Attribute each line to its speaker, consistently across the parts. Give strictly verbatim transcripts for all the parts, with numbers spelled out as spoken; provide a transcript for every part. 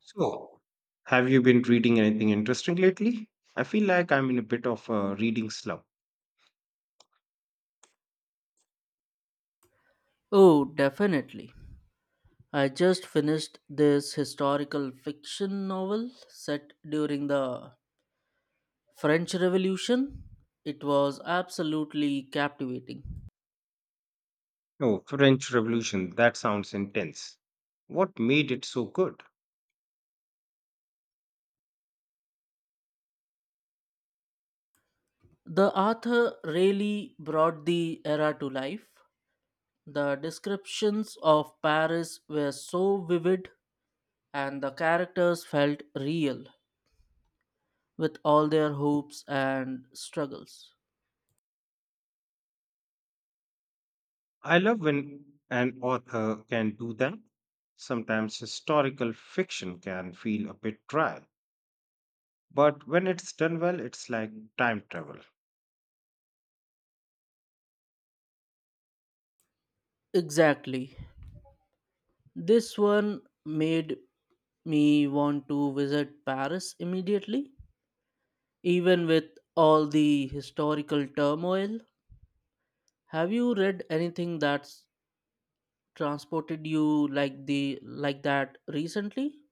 Speaker 1: So, have you been reading anything interesting lately? I feel like I'm in a bit of a reading slump.
Speaker 2: Oh, definitely. I just finished this historical fiction novel set during the French Revolution. It was absolutely captivating.
Speaker 1: Oh, French Revolution, that sounds intense. What made it so good?
Speaker 2: The author really brought the era to life. The descriptions of Paris were so vivid, and the characters felt real with all their hopes and struggles.
Speaker 1: I love when an author can do that. Sometimes historical fiction can feel a bit dry, but when it's done well, it's like time travel.
Speaker 2: Exactly. This one made me want to visit Paris immediately, even with all the historical turmoil. Have you read anything that's transported you like the like that recently?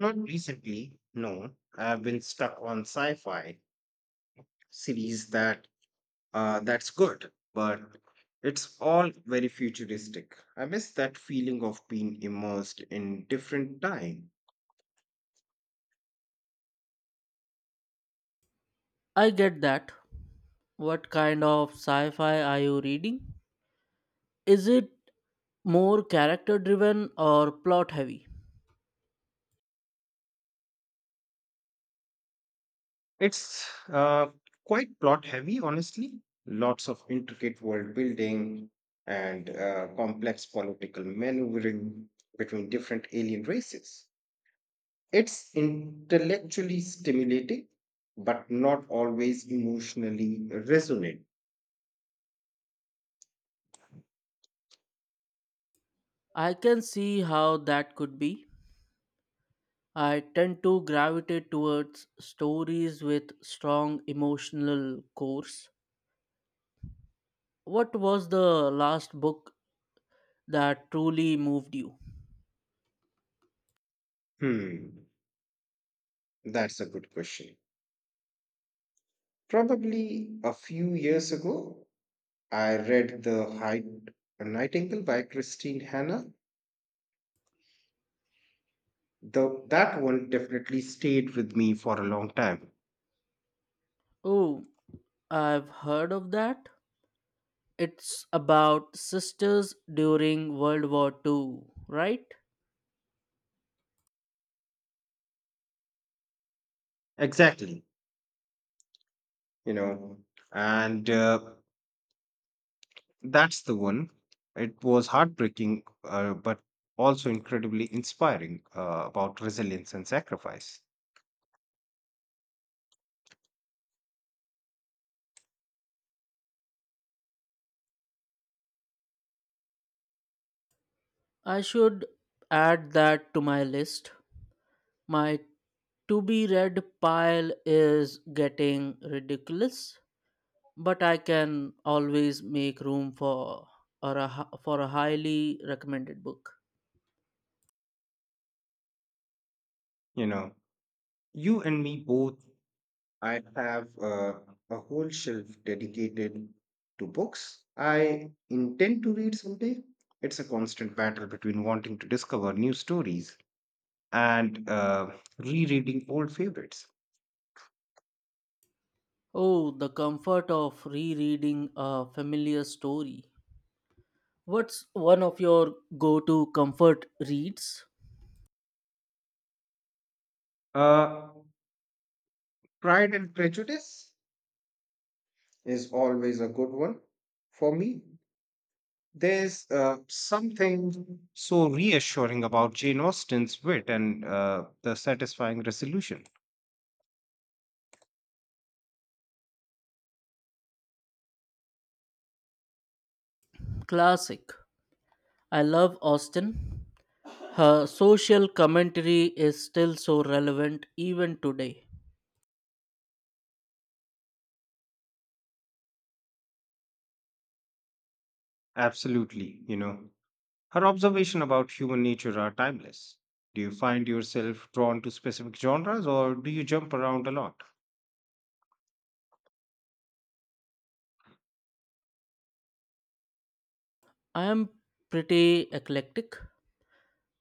Speaker 1: Not recently, no. I've been stuck on sci fi series that Uh, that's good, but it's all very futuristic. I miss that feeling of being immersed in different time.
Speaker 2: I get that. What kind of sci-fi are you reading? Is it more character driven or plot heavy?
Speaker 1: It's uh, quite plot heavy, honestly. Lots of intricate world building and uh, complex political maneuvering between different alien races. It's intellectually stimulating, but not always emotionally resonant.
Speaker 2: I can see how that could be. I tend to gravitate towards stories with strong emotional cores. What was the last book that truly moved you?
Speaker 1: Hmm, that's a good question. Probably a few years ago, I read The Hyde Nightingale by Christine Hanna. The, that one definitely stayed with me for a long time.
Speaker 2: Oh, I've heard of that. It's about sisters during World War Two, right?
Speaker 1: Exactly, you know, and uh, that's the one. It was heartbreaking, uh, but also incredibly inspiring uh, about resilience and sacrifice.
Speaker 2: I should add that to my list. My to be read pile is getting ridiculous, but I can always make room for or a, hi- for a highly recommended book.
Speaker 1: You know, you and me both. I have uh, a whole shelf dedicated to books I intend to read someday. It's a constant battle between wanting to discover new stories and uh, rereading old favorites.
Speaker 2: Oh, the comfort of rereading a familiar story. What's one of your go to comfort reads?
Speaker 1: Uh, Pride and Prejudice is always a good one for me. There's uh, something so reassuring about Jane Austen's wit and uh, the satisfying resolution.
Speaker 2: Classic. I love Austen. Her social commentary is still so relevant even today.
Speaker 1: Absolutely, you know. Her observation about human nature are timeless. Do you find yourself drawn to specific genres or do you jump around a lot?
Speaker 2: I am pretty eclectic.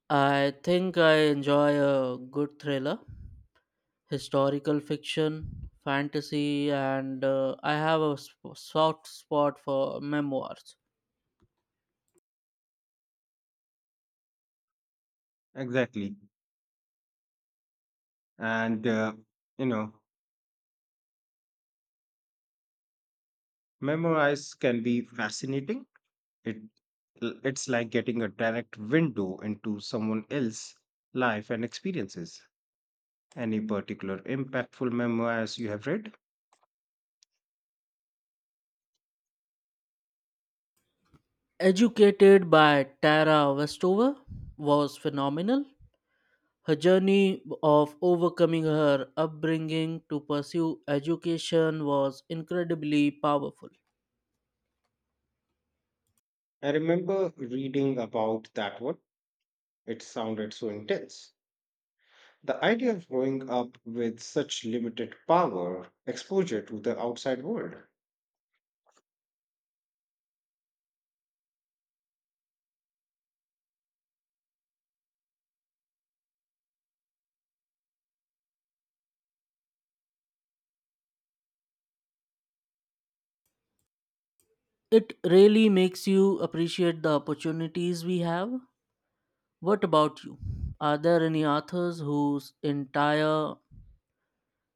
Speaker 2: I think I enjoy a good thriller, historical fiction, fantasy, and uh, I have a sp- soft spot for memoirs.
Speaker 1: Exactly. And uh, you know, memorize can be fascinating. It l- it's like getting a direct window into someone else's life and experiences. Any particular impactful memoirs you have read?
Speaker 2: Educated by Tara Westover was phenomenal. Her journey of overcoming her upbringing to pursue education was incredibly powerful.
Speaker 1: I remember reading about that one. It sounded so intense. The idea of growing up with such limited power, exposure to the outside world.
Speaker 2: It really makes you appreciate the opportunities we have. What about you? Are there any authors whose entire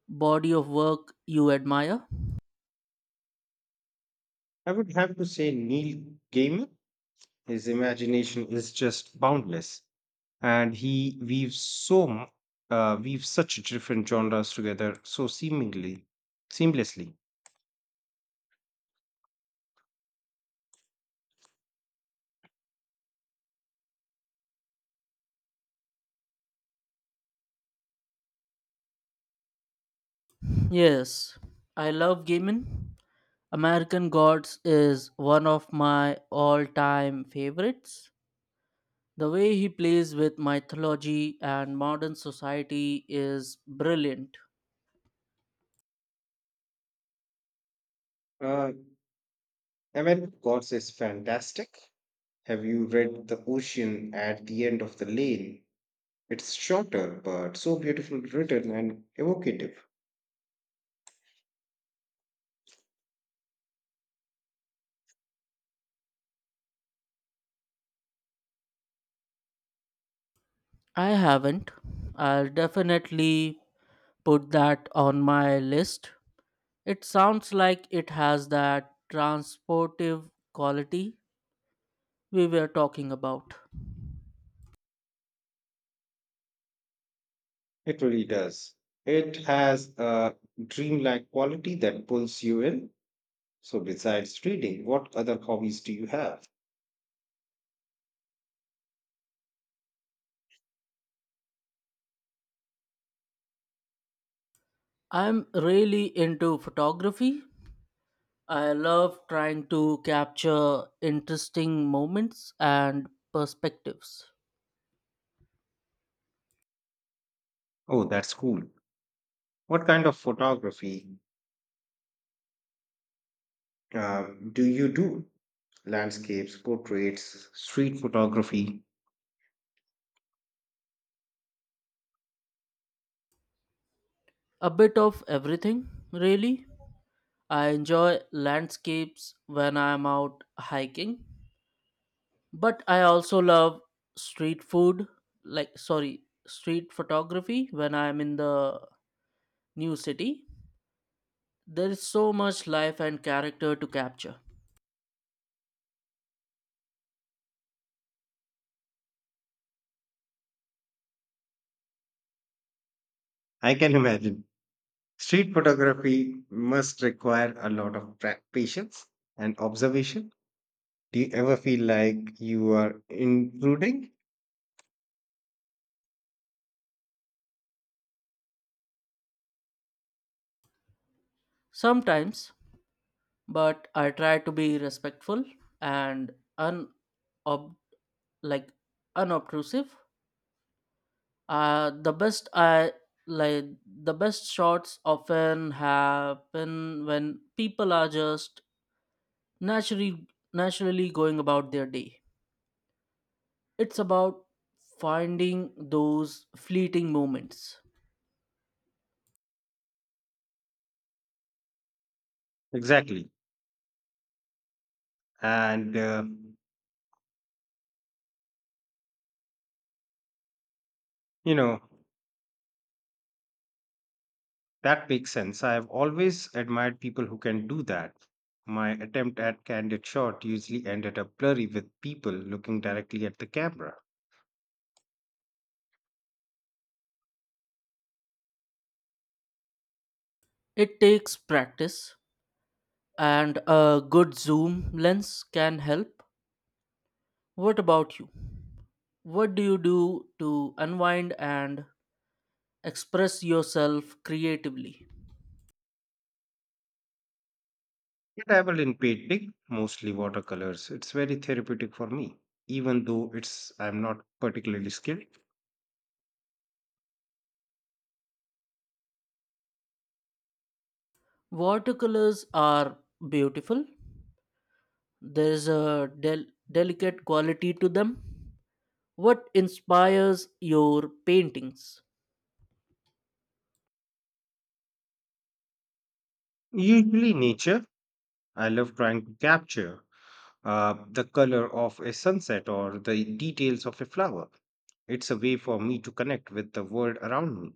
Speaker 2: body of work you admire?
Speaker 1: I would have to say Neil Gaiman. His imagination is just boundless, and he weaves so mu- uh, weaves such different genres together so seemingly seamlessly.
Speaker 2: Yes, I love Gaiman. American Gods is one of my all time favorites. The way he plays with mythology and modern society is brilliant.
Speaker 1: Uh, American Gods is fantastic. Have you read The Ocean at the End of the Lane? It's shorter, but so beautifully written and evocative.
Speaker 2: I haven't. I'll definitely put that on my list. It sounds like it has that transportive quality we were talking about.
Speaker 1: It really does. It has a dreamlike quality that pulls you in. So, besides reading, what other hobbies do you have?
Speaker 2: I'm really into photography. I love trying to capture interesting moments and perspectives.
Speaker 1: Oh, that's cool. What kind of photography um, do you do? Landscapes, portraits, street photography.
Speaker 2: A bit of everything, really. I enjoy landscapes when I'm out hiking, but I also love street food, like, sorry, street photography when I'm in the new city. There is so much life and character to capture.
Speaker 1: I can imagine. Street photography must require a lot of pra- patience and observation. Do you ever feel like you are intruding?
Speaker 2: Sometimes, but I try to be respectful and unob like unobtrusive. Uh, the best I like the best shots often happen when people are just naturally naturally going about their day. It's about finding those fleeting moments.
Speaker 1: Exactly. And, uh, you know, that makes sense. I have always admired people who can do that. My attempt at candid shot usually ended up blurry with people looking directly at the camera.
Speaker 2: It takes practice and a good zoom lens can help. What about you? What do you do to unwind and express yourself creatively?
Speaker 1: I dabble in painting, mostly watercolors. It's very therapeutic for me, even though it's I'm not particularly skilled.
Speaker 2: Watercolors are beautiful. There is a del- delicate quality to them. What inspires your paintings?
Speaker 1: Usually, nature. I love trying to capture uh, the color of a sunset or the details of a flower. It's a way for me to connect with the world around me.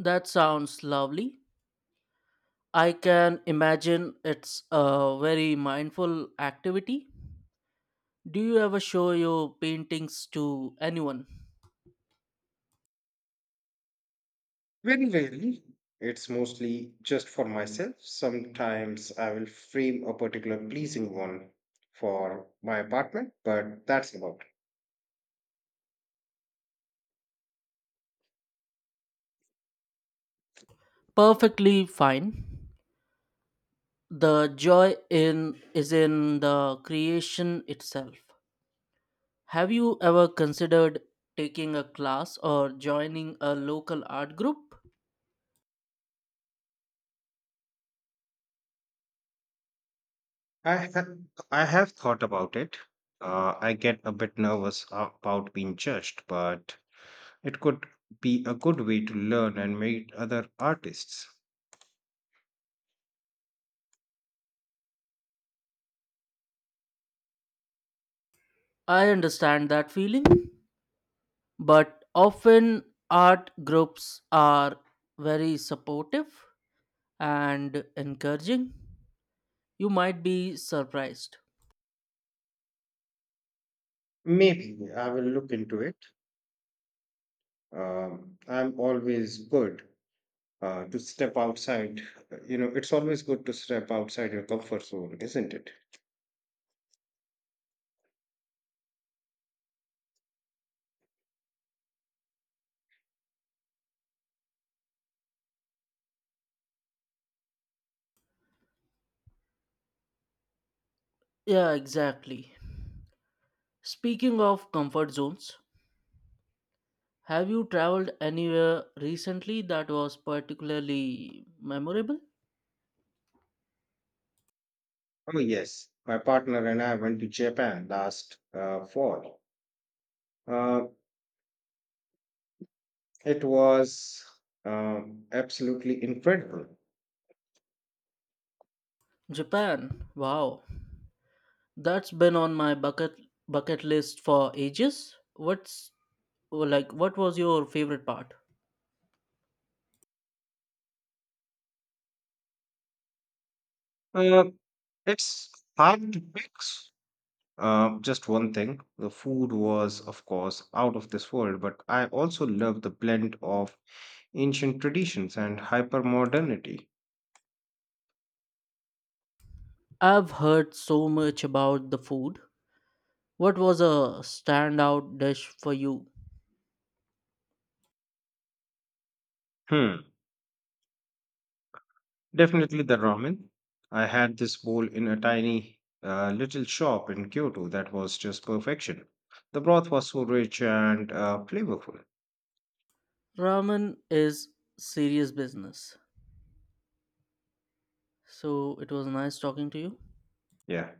Speaker 2: That sounds lovely. I can imagine it's a very mindful activity. Do you ever show your paintings to anyone?
Speaker 1: Very rarely, it's mostly just for myself. Sometimes I will frame a particular pleasing one for my apartment, but that's about it.
Speaker 2: Perfectly fine. The joy in is in the creation itself. Have you ever considered taking a class or joining a local art group?
Speaker 1: I have, I have thought about it. Uh, I get a bit nervous about being judged, but it could be a good way to learn and meet other artists.
Speaker 2: I understand that feeling, but often art groups are very supportive and encouraging, you might be surprised.
Speaker 1: Maybe I will look into it. Um, I'm always good uh, to step outside. You know, it's always good to step outside your comfort zone, isn't it?
Speaker 2: Yeah, exactly. Speaking of comfort zones, have you traveled anywhere recently that was particularly memorable?
Speaker 1: Oh, yes. My partner and I went to Japan last uh, fall. Uh, It was um, absolutely incredible.
Speaker 2: Japan. Wow. That's been on my bucket bucket list for ages. What's like what was your favorite part?
Speaker 1: Uh, it's hard to pick s- uh, just one thing. The food was, of course, out of this world, but I also love the blend of ancient traditions and hyper modernity.
Speaker 2: I've heard so much about the food. What was a standout dish for you?
Speaker 1: Hmm, definitely the ramen. I had this bowl in a tiny uh, little shop in Kyoto that was just perfection. The broth was so rich and uh, flavorful.
Speaker 2: Ramen is serious business. So it was nice talking to you.
Speaker 1: Yeah.